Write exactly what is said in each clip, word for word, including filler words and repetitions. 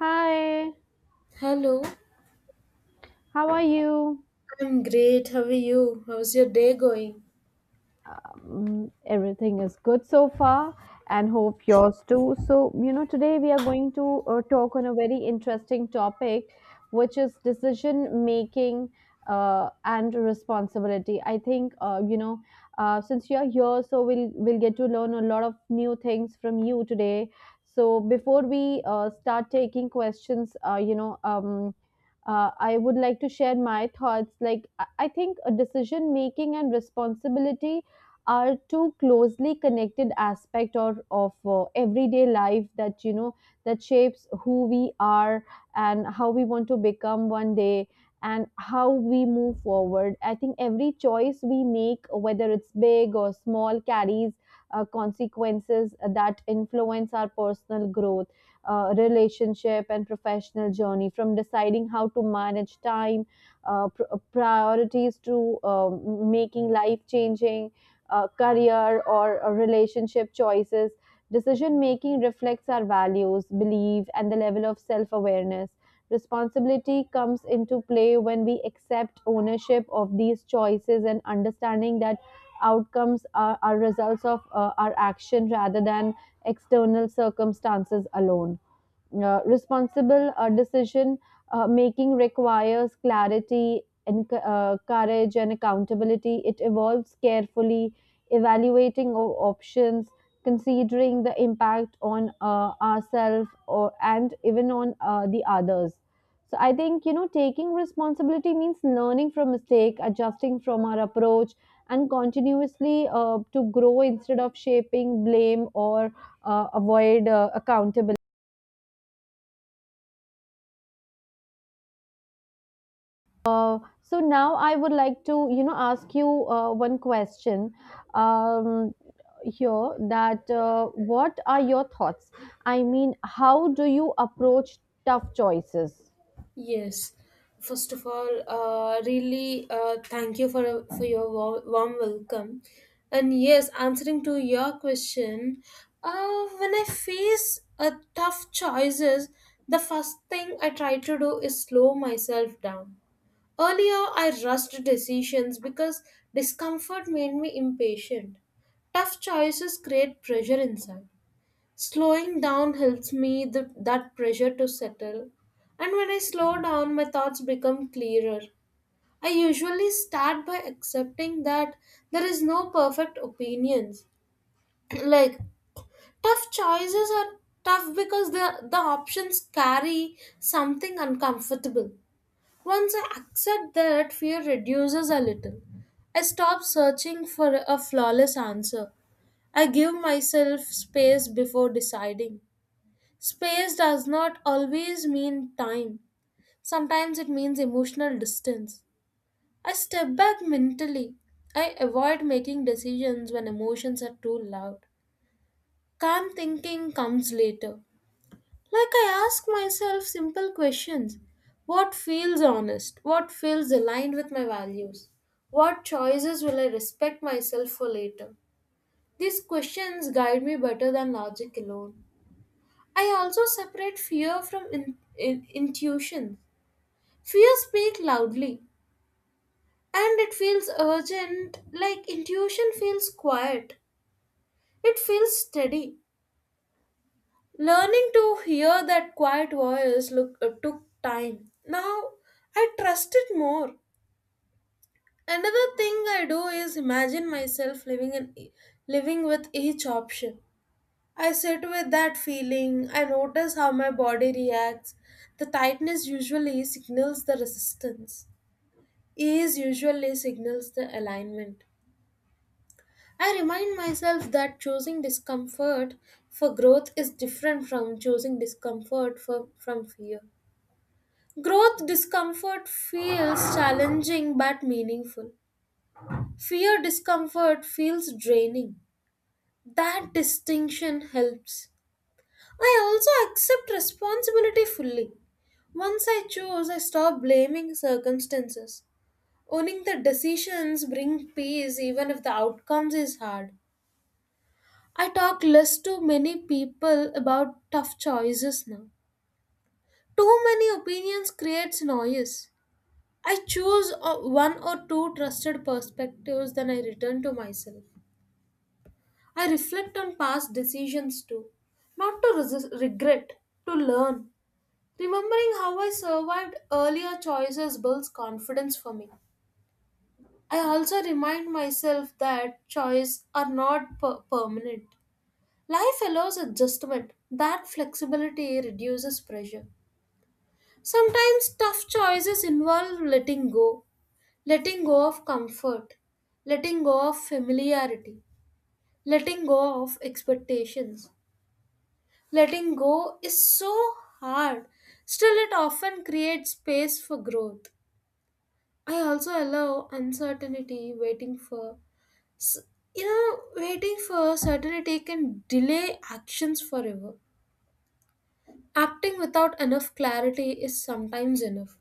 Hi, Hello, how are you? I'm great. How are you? How's your day going? Um, everything is good so far, and hope yours too. So, you know, today we are going to uh, talk on a very interesting topic, which is decision making uh, and responsibility. I think, uh, you know, uh, since you're here, so we'll, we'll get to learn a lot of new things from you today. So, before we uh, start taking questions, uh, you know, um, uh, I would like to share my thoughts. Like, I I think a decision making and responsibility are two closely connected aspect or of uh, everyday life that, you know, that shapes who we are and how we want to become one day, and how we move forward. I think every choice we make, whether it's big or small, carries uh, consequences that influence our personal growth, uh, relationship and professional journey. From deciding how to manage time, uh, pr- priorities, to um, making life changing uh, career or uh, relationship choices. Decision making reflects our values, belief, and the level of self awareness. Responsibility comes into play when we accept ownership of these choices and understanding that outcomes are, are results of uh, our action rather than external circumstances alone. Uh, responsible uh, decision uh, making requires clarity and uh, courage and accountability. It evolves carefully evaluating o- options, considering the impact on uh, ourselves or and even on uh, the others. So I think, you know, taking responsibility means learning from mistake, adjusting from our approach and continuously uh, to grow instead of shaping blame or uh, avoid uh, accountability. Uh, so now I would like to, you know, ask you uh, one question, um, here, that uh, what are your thoughts? I mean, how do you approach tough choices? Yes. First of all, uh, really uh, thank you for for your wa- warm welcome. And yes, answering to your question, uh, when I face uh, tough choices, the first thing I try to do is slow myself down. Earlier, I rushed decisions because discomfort made me impatient. Tough choices create pressure inside. Slowing down helps me the, that pressure to settle. And when I slow down, my thoughts become clearer. I usually start by accepting that there is no perfect opinions. Like, tough choices are tough because the, the options carry something uncomfortable. Once I accept that, fear reduces a little. I stop searching for a flawless answer. I give myself space before deciding. Space does not always mean time. Sometimes it means emotional distance. I step back mentally. I avoid making decisions when emotions are too loud. Calm thinking comes later. Like, I ask myself simple questions. What feels honest? What feels aligned with my values? What choices will I respect myself for later? These questions guide me better than logic alone. I also separate fear from in, in- intuition. Fear speaks loudly, and it feels urgent, like intuition feels quiet. It feels steady. Learning to hear that quiet voice look, uh, took time. Now I trust it more. Another thing I do is imagine myself living in e- living with each option. I sit with that feeling. I notice how my body reacts. The tightness usually signals the resistance. Ease usually signals the alignment. I remind myself that choosing discomfort for growth is different from choosing discomfort for, from fear. Growth discomfort feels challenging but meaningful. Fear discomfort feels draining. That distinction helps. I also accept responsibility fully. Once I choose, I stop blaming circumstances. Owning the decisions bring peace even if the outcomes is hard. I talk less to many people about tough choices now. Too many opinions creates noise. I choose o- one or two trusted perspectives, then I return to myself. I reflect on past decisions too, not to resist, regret, to learn. Remembering how I survived earlier choices builds confidence for me. I also remind myself that choices are not per- permanent. Life allows adjustment. That flexibility reduces pressure. Sometimes tough choices involve letting go, letting go of comfort, letting go of familiarity, letting go of expectations. Letting go is so hard, still, it often creates space for growth. I also allow uncertainty, waiting for. s- You know, waiting for certainty can delay actions forever. Acting without enough clarity is sometimes enough.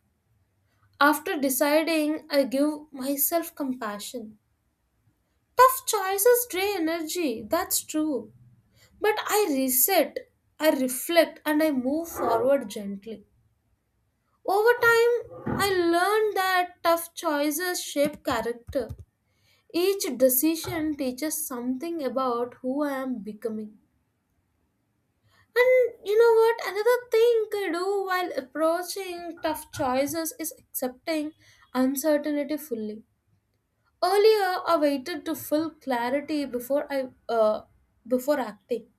After deciding, I give myself compassion. Tough choices drain energy, that's true. But I reset, I reflect, and I move forward gently. Over time, I learned that tough choices shape character. Each decision teaches something about who I am becoming. And you know what? Another thing I do while approaching tough choices is accepting uncertainty fully. Earlier, I waited to full clarity before I uh, before acting.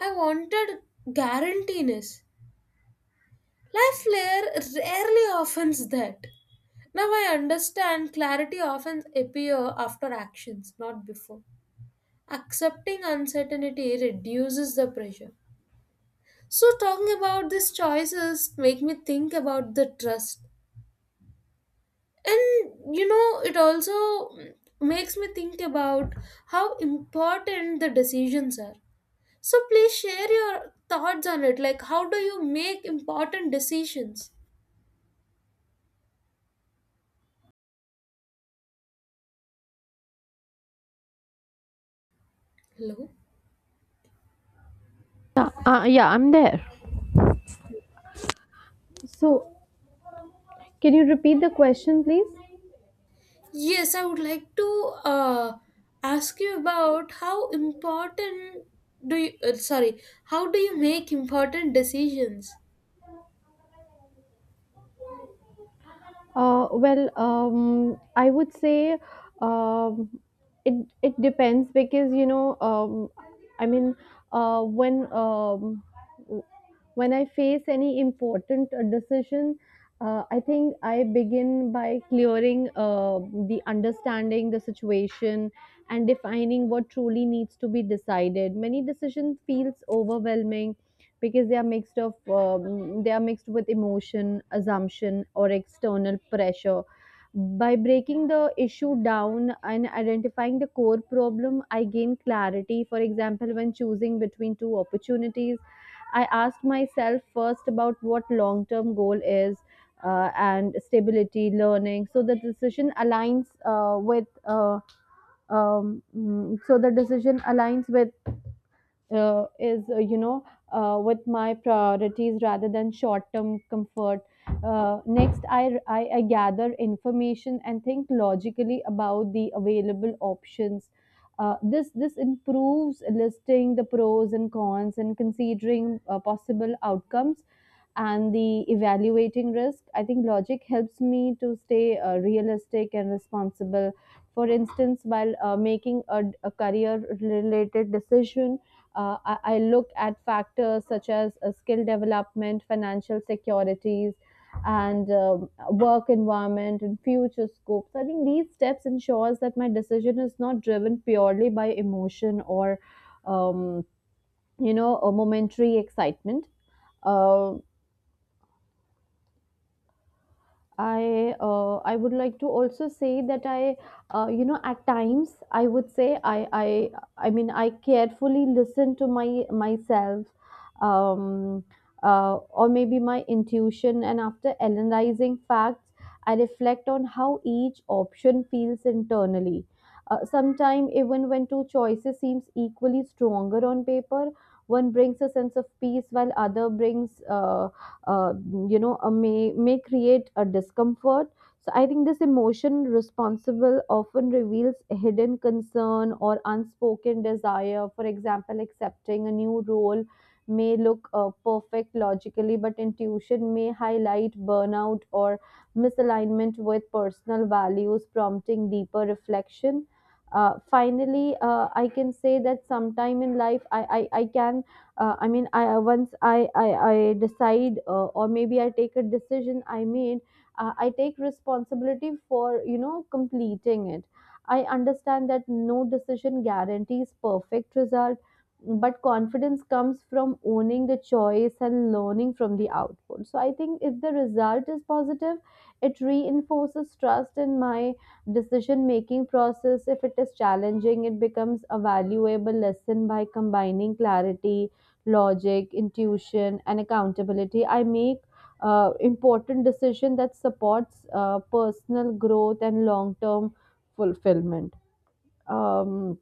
I wanted guarantees. Life layer rarely offers that. Now I understand clarity often appear after actions, not before. Accepting uncertainty reduces the pressure. So talking about these choices make me think about the trust. And you know, it also mm, makes me think about how important the decisions are. So please share your thoughts on it. Like, how do you make important decisions? Hello? Uh, uh, yeah, I'm there. So, can you repeat the question, please? Yes, I would like to uh, ask you about how important do you uh, sorry, how do you make important decisions? Uh, well, um, I would say, um, it it depends because, you know, um, I mean, uh, when um, w- when I face any important uh, decision, uh, I think I begin by clearing uh, the understanding the situation and defining what truly needs to be decided. Many decisions feels overwhelming because they are mixed of um, they are mixed with emotion assumption or external pressure. By breaking the issue down and identifying the core problem, I gain clarity. For example, when choosing between two opportunities, I asked myself first about what long term goal is, uh, and stability learning, so the decision aligns uh, with uh, um, mm, so the decision aligns with uh, is uh, you know uh, with my priorities rather than short term comfort. Uh, next, I, I i gather information and think logically about the available options. Uh, this this improves listing the pros and cons and considering uh, possible outcomes and the evaluating risk. I think logic helps me to stay uh, realistic and responsible. For instance, while uh, making a, a career related decision, uh, I, I look at factors such as uh, skill development, financial securities, and um, work environment and future scopes. I think these steps ensures that my decision is not driven purely by emotion or, um, you know, a momentary excitement. Uh, I uh, I would like to also say that I, uh, you know, at times I would say I I I mean I carefully listen to my myself, um, uh, or maybe my intuition, and after analyzing facts I reflect on how each option feels internally. Uh, Sometimes even when two choices seems equally stronger on paper, one brings a sense of peace while other brings uh, uh, you know uh, may may create a discomfort. So I think this emotion responsible often reveals a hidden concern or unspoken desire. For example, accepting a new role may look uh, perfect logically, but intuition may highlight burnout or misalignment with personal values, prompting deeper reflection. Uh, finally uh, I can say that sometime in life, I, I i can uh, I mean I once i i, I decide, uh, or maybe I take a decision I made, uh, I take responsibility for, you know, completing it. I understand that no decision guarantees perfect result, but confidence comes from owning the choice and learning from the output. So I think if the result is positive, it reinforces trust in my decision making process. If it is challenging, it becomes a valuable lesson. By combining clarity, logic, intuition, and accountability, I make uh, important decision that supports uh, personal growth and long term fulfillment. Um,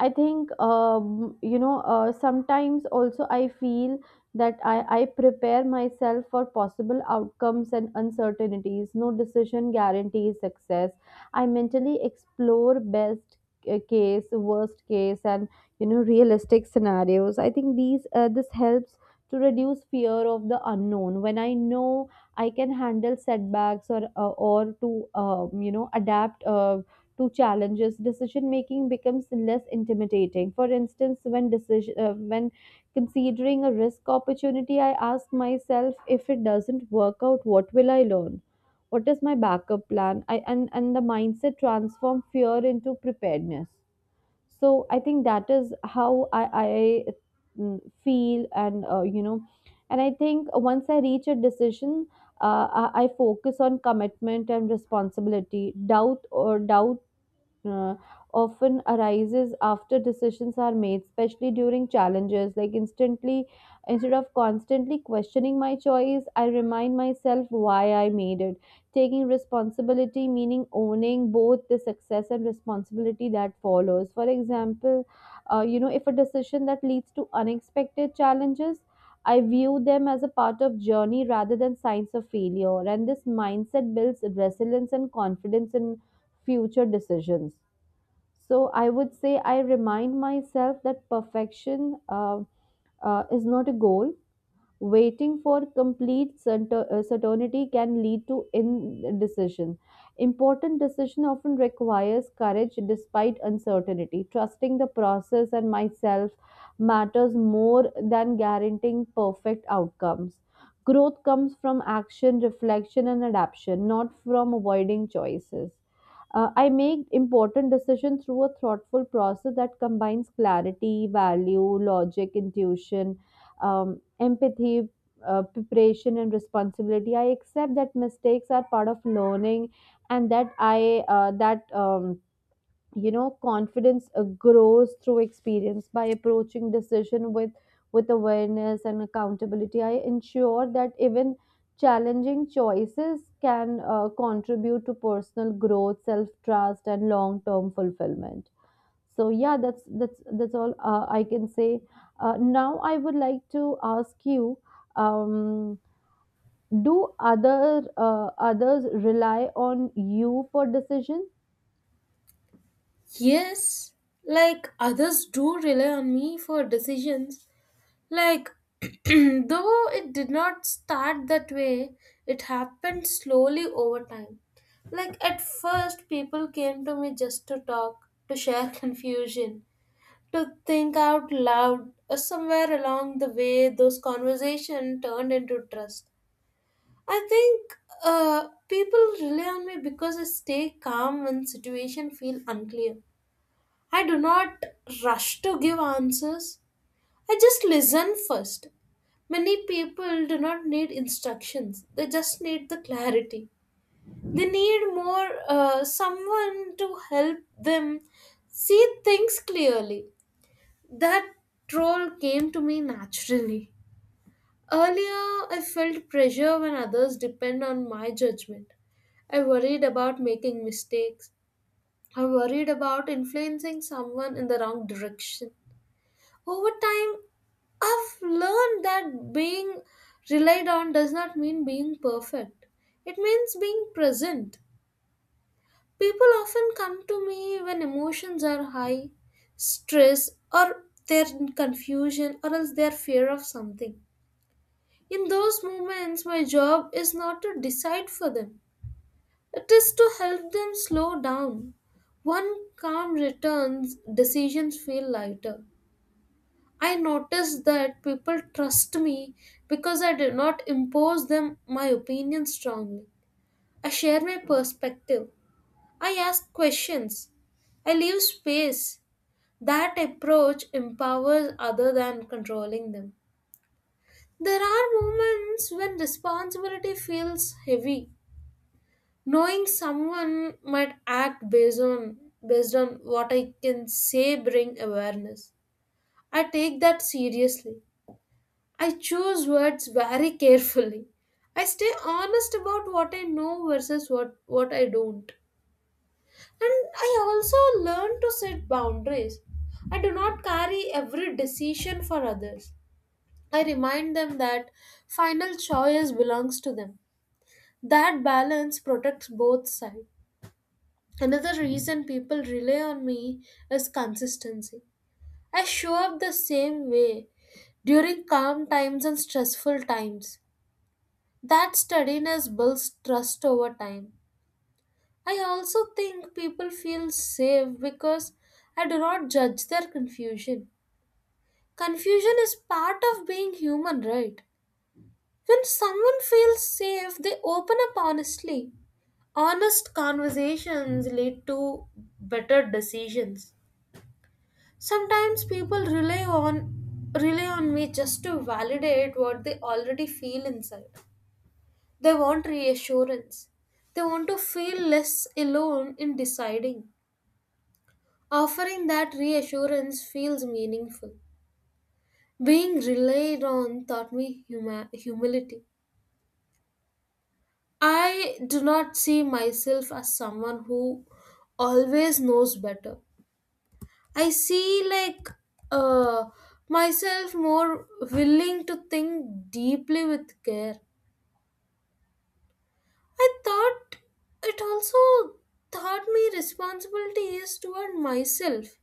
I think, um, you know, uh, sometimes also I feel that I, I prepare myself for possible outcomes and uncertainties. No decision guarantees success. I mentally explore best uh, case, worst case, and, you know, realistic scenarios. I think these uh, this helps to reduce fear of the unknown. When I know I can handle setbacks or uh, or to um, you know, adapt uh, to challenges, decision making becomes less intimidating. For instance, when decision uh, when considering a risk opportunity, I ask myself, if it doesn't work out, what will I learn? What is my backup plan? I and, and the mindset transform fear into preparedness. So I think that is how I, I mm, feel, and, uh, you know, and I think once I reach a decision, uh, I I focus on commitment and responsibility. Doubt or doubt uh, often arises after decisions are made, especially during challenges. Like, instantly instead of constantly questioning my choice, I remind myself why I made it. Taking responsibility meaning owning both the success and responsibility that follows. For example, uh, you know, if a decision that leads to unexpected challenges, I view them as a part of journey rather than signs of failure, and this mindset builds resilience and confidence in future decisions. So I would say I remind myself that perfection uh, uh, is not a goal. Waiting for complete certain- uh, certainty can lead to indecision. Important decision often requires courage despite uncertainty. Trusting the process and myself matters more than guaranteeing perfect outcomes. Growth comes from action, reflection, and adaptation, not from avoiding choices. Uh, I make important decisions through a thoughtful process that combines clarity, value, logic, intuition, um, empathy, uh, preparation, and responsibility. I accept that mistakes are part of learning, and that I uh, that um, you know, confidence uh, grows through experience. By approaching decision with with awareness and accountability, I ensure that even challenging choices can uh, contribute to personal growth, self trust, and long term fulfillment. So yeah, that's that's that's all uh, I can say. Uh, now I would like to ask you, um, do other uh, others rely on you for decision? Yes, like, others do rely on me for decisions. Like, though it did not start that way, it happened slowly over time. Like, at first, people came to me just to talk, to share confusion, to think out loud. Uh, Somewhere along the way, those conversations turned into trust. I think uh, people rely on me because I stay calm when situation feel unclear. I do not rush to give answers. I just listen first. Many people do not need instructions, they just need the clarity. They need more uh, someone to help them see things clearly. That role came to me naturally. Earlier, I felt pressure when others depend on my judgment. I worried about making mistakes. I worried about influencing someone in the wrong direction. Over time, I've learned that being relied on does not mean being perfect. It means being present. People often come to me when emotions are high, stress, or their confusion, or else their fear of something. In those moments, my job is not to decide for them, it is to help them slow down. One calm returns, decisions feel lighter. I noticed that people trust me because I did not impose them my opinion strongly. I share my perspective. I ask questions. I leave space. That approach empowers other than controlling them. There are moments when responsibility feels heavy. Knowing someone might act based on based on what I can say bring awareness. I take that seriously. I choose words very carefully. I stay honest about what I know versus what, what I don't. And I also learn to set boundaries. I do not carry every decision for others. I remind them that final choice belongs to them. That balance protects both sides. Another reason people rely on me is consistency. I show up the same way during calm times and stressful times. That steadiness builds trust over time. I also think people feel safe because I do not judge their confusion. Confusion is part of being human, right? When someone feels safe, they open up honestly. Honest conversations lead to better decisions. Sometimes people rely on rely on me just to validate what they already feel inside. They want reassurance. They want to feel less alone in deciding. Offering that reassurance feels meaningful. Being relied on taught me huma- humility. I do not see myself as someone who always knows better. I see like uh, myself more willing to think deeply with care. I thought it also taught me responsibility is toward myself.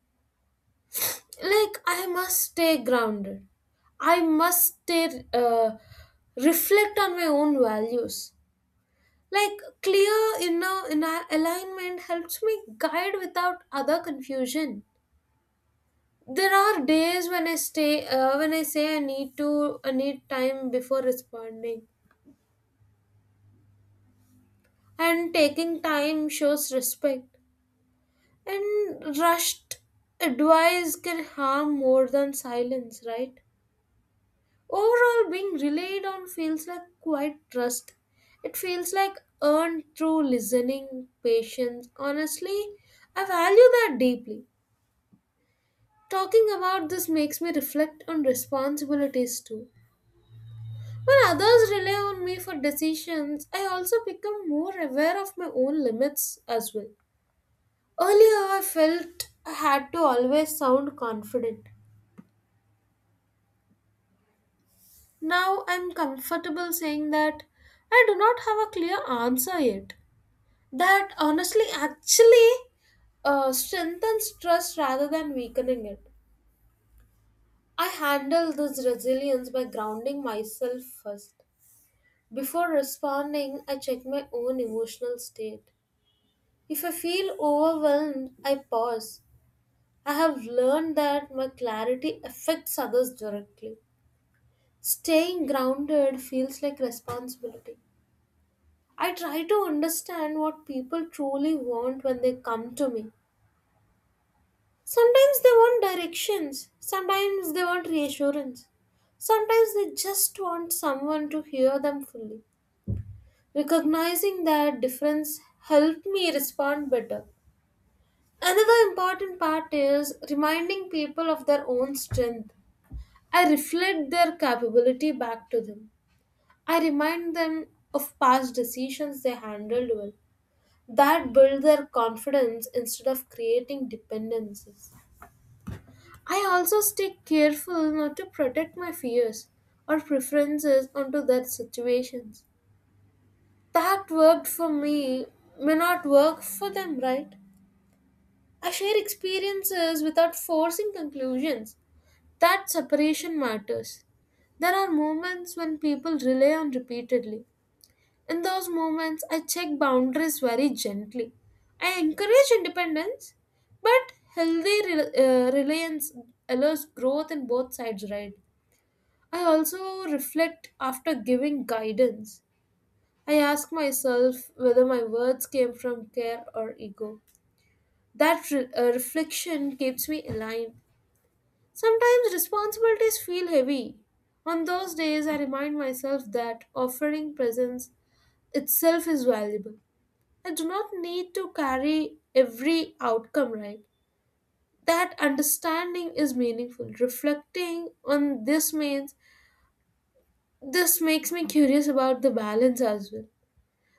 Like, I must stay grounded. I must stay, uh, reflect on my own values. Like, clear inner, inner alignment helps me guide without other confusion. There are days when I stay, uh, when I say I need to, I need time before responding. And taking time shows respect. And rushed advice can harm more than silence, right? Overall, being relied on feels like quite trust. It feels like earned through listening, patience. Honestly, I value that deeply. Talking about this makes me reflect on responsibilities too. When others rely on me for decisions, I also become more aware of my own limits as well. Earlier, I felt I had to always sound confident. Now I'm comfortable saying that I do not have a clear answer yet. That honestly actually uh, strengthens trust rather than weakening it. I handle this resilience by grounding myself first. Before responding, I check my own emotional state. If I feel overwhelmed, I pause. I have learned that my clarity affects others directly. Staying grounded feels like responsibility. I try to understand what people truly want when they come to me. Sometimes they want directions, sometimes they want reassurance, sometimes they just want someone to hear them fully. Recognizing that difference helped me respond better. Another important part is reminding people of their own strength. I reflect their capability back to them. I remind them of past decisions they handled well that build their confidence instead of creating dependencies. I also stay careful not to protect my fears or preferences onto their situations. That worked for me may not work for them, right? I share experiences without forcing conclusions. That separation matters. There are moments when people rely on repeatedly. In those moments, I check boundaries very gently. I encourage independence, but healthy re- uh, reliance allows growth in both sides, right? I also reflect after giving guidance. I ask myself whether my words came from care or ego. That re- uh, reflection keeps me aligned. Sometimes responsibilities feel heavy. On those days, I remind myself that offering presence itself is valuable. I do not need to carry every outcome right. That understanding is meaningful. Reflecting on this means This makes me curious about the balance as well.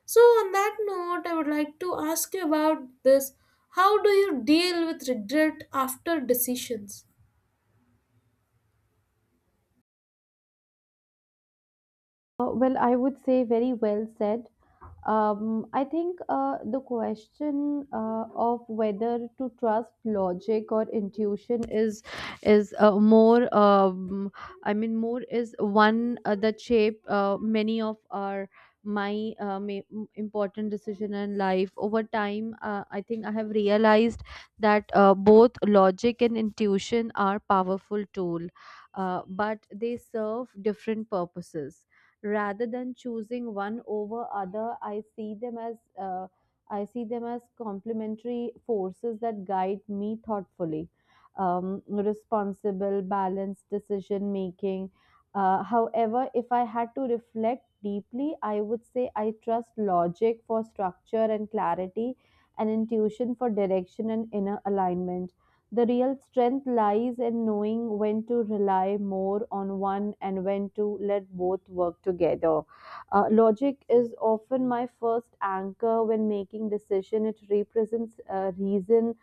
So on that note, I would like to ask you about this. How do you deal with regret after decisions? Uh, well i would say very well said. Um, I think uh, the question uh, of whether to trust logic or intuition is is uh, more. Um, I mean, more is one uh, that shape uh, many of our my uh, ma- m- important decision in life over time. Uh, I think I have realized that uh, both logic and intuition are powerful tool, uh, but they serve different purposes. Rather than choosing one over other, i see them as uh, I see them as complementary forces that guide me thoughtfully, um, responsible balanced decision making. Uh, however, if I had to reflect deeply, I would say I trust logic for structure and clarity, and intuition for direction and inner alignment. The real strength lies in knowing when to rely more on one and when to let both work together. Uh, logic is often my first anchor when making decision. It represents uh, reason,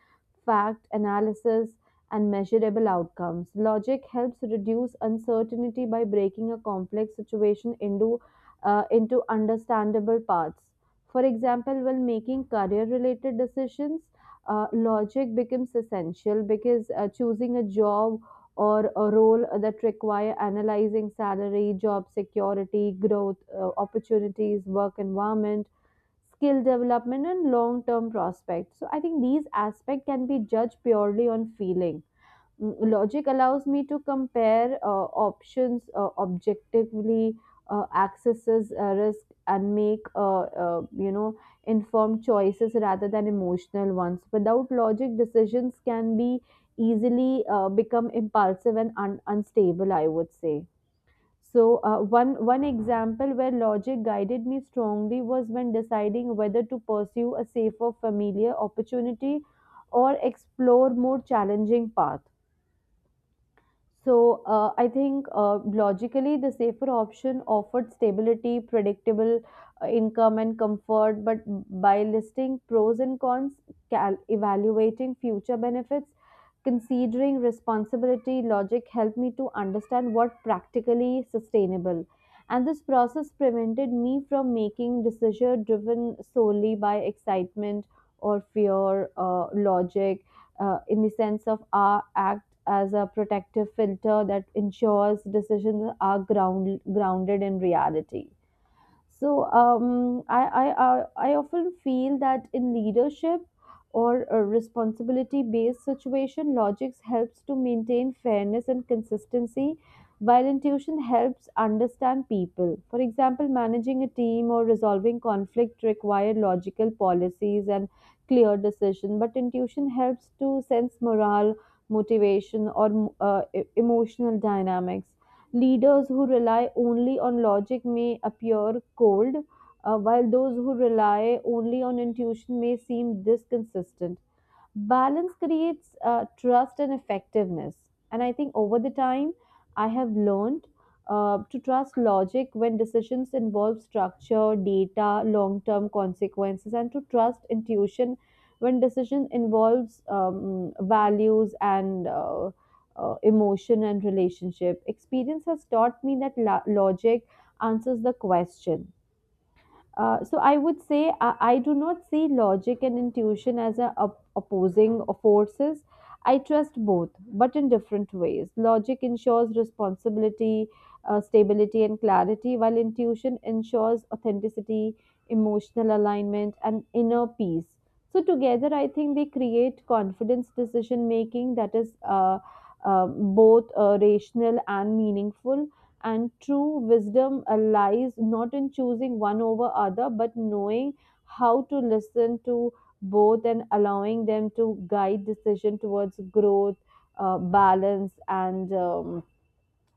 fact, analysis, and measurable outcomes. Logic helps reduce uncertainty by breaking a complex situation into uh, into understandable parts. For example, when making career related decisions, uh, logic becomes essential because uh, choosing a job or a role that require analyzing salary, job security, growth uh, opportunities, work environment, skill development, and long-term prospects. So I think these aspects can be judged purely on feeling. Mm, logic allows me to compare uh, options uh, objectively, uh, accesses uh, risk, and make uh, uh, you know, informed choices rather than emotional ones. Without logic, decisions can be easily uh, become impulsive and un- unstable, I would say. So uh, one one example where logic guided me strongly was when deciding whether to pursue a safer familiar opportunity or explore more challenging path. So uh, I think, uh, logically, the safer option offered stability, predictable uh, income, and comfort. But by listing pros and cons, cal- evaluating future benefits, considering responsibility, logic helped me to understand what practically sustainable, and this process prevented me from making decision driven solely by excitement or fear. Uh, logic, uh, in the sense of our act as a protective filter that ensures decisions are ground, grounded in reality. So, um, I, I, I, I often feel that in leadership or a responsibility-based situation, logics helps to maintain fairness and consistency, while intuition helps understand people. For example, managing a team or resolving conflict require logical policies and clear decision, but intuition helps to sense morale, motivation, or uh, e- emotional dynamics. Leaders who rely only on logic may appear cold, uh, while those who rely only on intuition may seem disconsistent. Balance creates uh, trust and effectiveness, and I think over the time I have learned uh, to trust logic when decisions involve structure, data, long term consequences, and to trust intuition when decision involves um, values and uh, uh, emotion and relationship. Experience has taught me that la- logic answers the question. Uh, so I would say I, I do not see logic and intuition as a, op- opposing forces. I trust both, but in different ways. Logic ensures responsibility, uh, stability, and clarity, while intuition ensures authenticity, emotional alignment, and inner peace. So together, I think they create confidence decision making that is uh, uh, both uh, rational and meaningful, and true wisdom uh, lies not in choosing one over other but knowing how to listen to both and allowing them to guide decision towards growth, uh, balance, and um,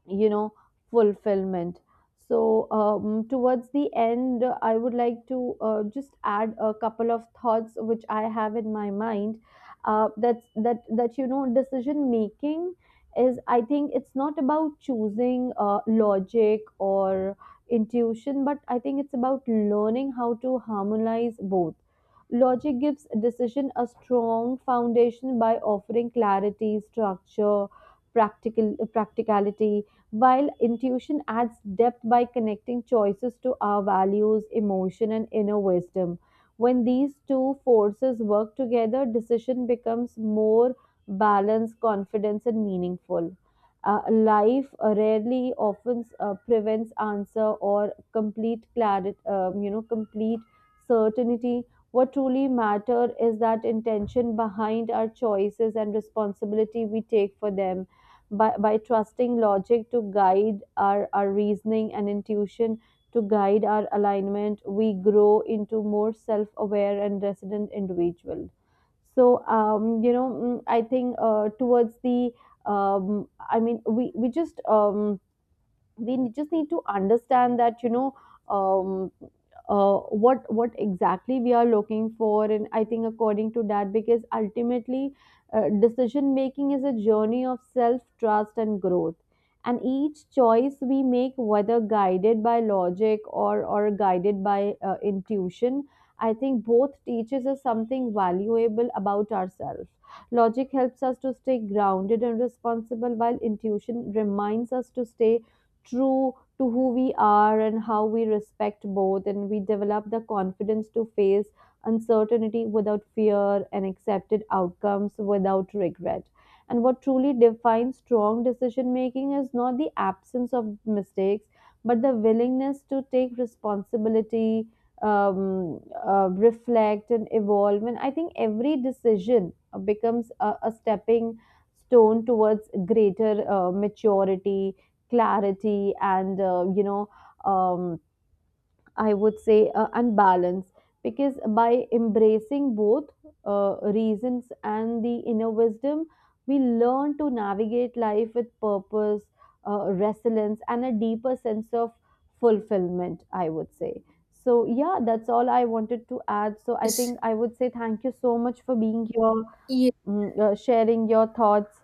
you know fulfillment. So um, towards the end uh, I would like to uh, just add a couple of thoughts which I have in my mind, uh, that's that that you know decision making is, I think it's not about choosing uh, logic or intuition, but I think it's about learning how to harmonize both. Logic gives decision a strong foundation by offering clarity, structure, practical practicality, while intuition adds depth by connecting choices to our values, emotion, and inner wisdom. When these two forces work together, decision becomes more balanced, confident, and meaningful. Uh, life rarely often uh, prevents answer or complete clarity, um, you know, complete certainty. What truly matters is that intention behind our choices and responsibility we take for them by, by trusting logic to guide our, our reasoning and intuition to guide our alignment. We grow into more self aware and resident individual. So, um, you know, mm, I think uh, towards the, um, I mean, we, we just. Um, we just need to understand that you know um, uh, what what exactly we are looking for, and I think according to that, because ultimately uh, decision making is a journey of self trust and growth, and each choice we make, whether guided by logic or or guided by uh, intuition, I think both teaches us something valuable about ourselves. Logic helps us to stay grounded and responsible, while intuition reminds us to stay true to who we are, and how we respect both, and we develop the confidence to face uncertainty without fear and accepted outcomes without regret. And what truly defines strong decision making is not the absence of mistakes, but the willingness to take responsibility, um, uh, reflect, and evolve. And I think every decision uh, becomes a, a stepping stone towards greater uh, maturity, clarity, and uh, you know um, I would say uh, and balance, because by embracing both uh, reasons and the inner wisdom, we learn to navigate life with purpose, uh, resilience, and a deeper sense of fulfillment, I would say. So yeah, that's all I wanted to add. So I Yes. think I would say thank you so much for being here, Yeah. mm, uh, sharing your thoughts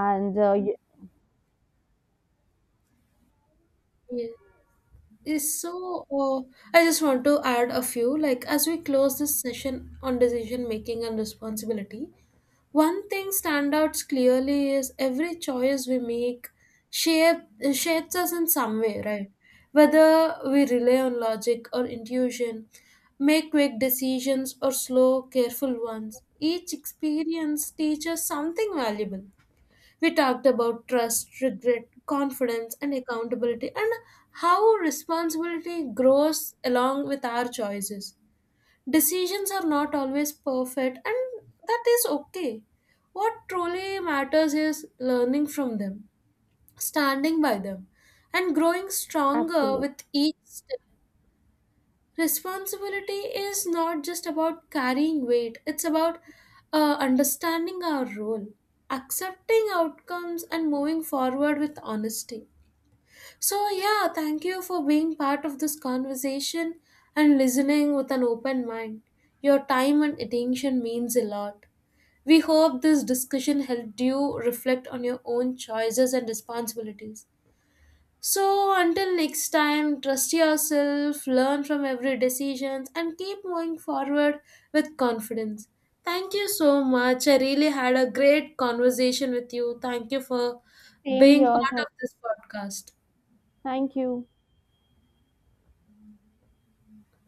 and uh, y- Yeah. Is so uh, I just want to add a few, like, as we close this session on decision making and responsibility. One thing stands out clearly is every choice we make shape, shapes us in some way, right? Whether we rely on logic or intuition, make quick decisions or slow, careful ones, each experience teaches something valuable. We talked about trust, regret, confidence, and accountability, and how responsibility grows along with our choices. Decisions are not always perfect, and that is okay. What truly matters is learning from them, standing by them, and growing stronger absolutely. with each step. Responsibility is not just about carrying weight, it's about uh, understanding our role, accepting outcomes, and moving forward with honesty. So, yeah, thank you for being part of this conversation and listening with an open mind. Your time and attention means a lot. We hope this discussion helped you reflect on your own choices and responsibilities. So, until next time, trust yourself, learn from every decision, and keep moving forward with confidence. Thank you so much. I really had a great conversation with you. Thank you for Same being here, part thank, of this podcast. thank you.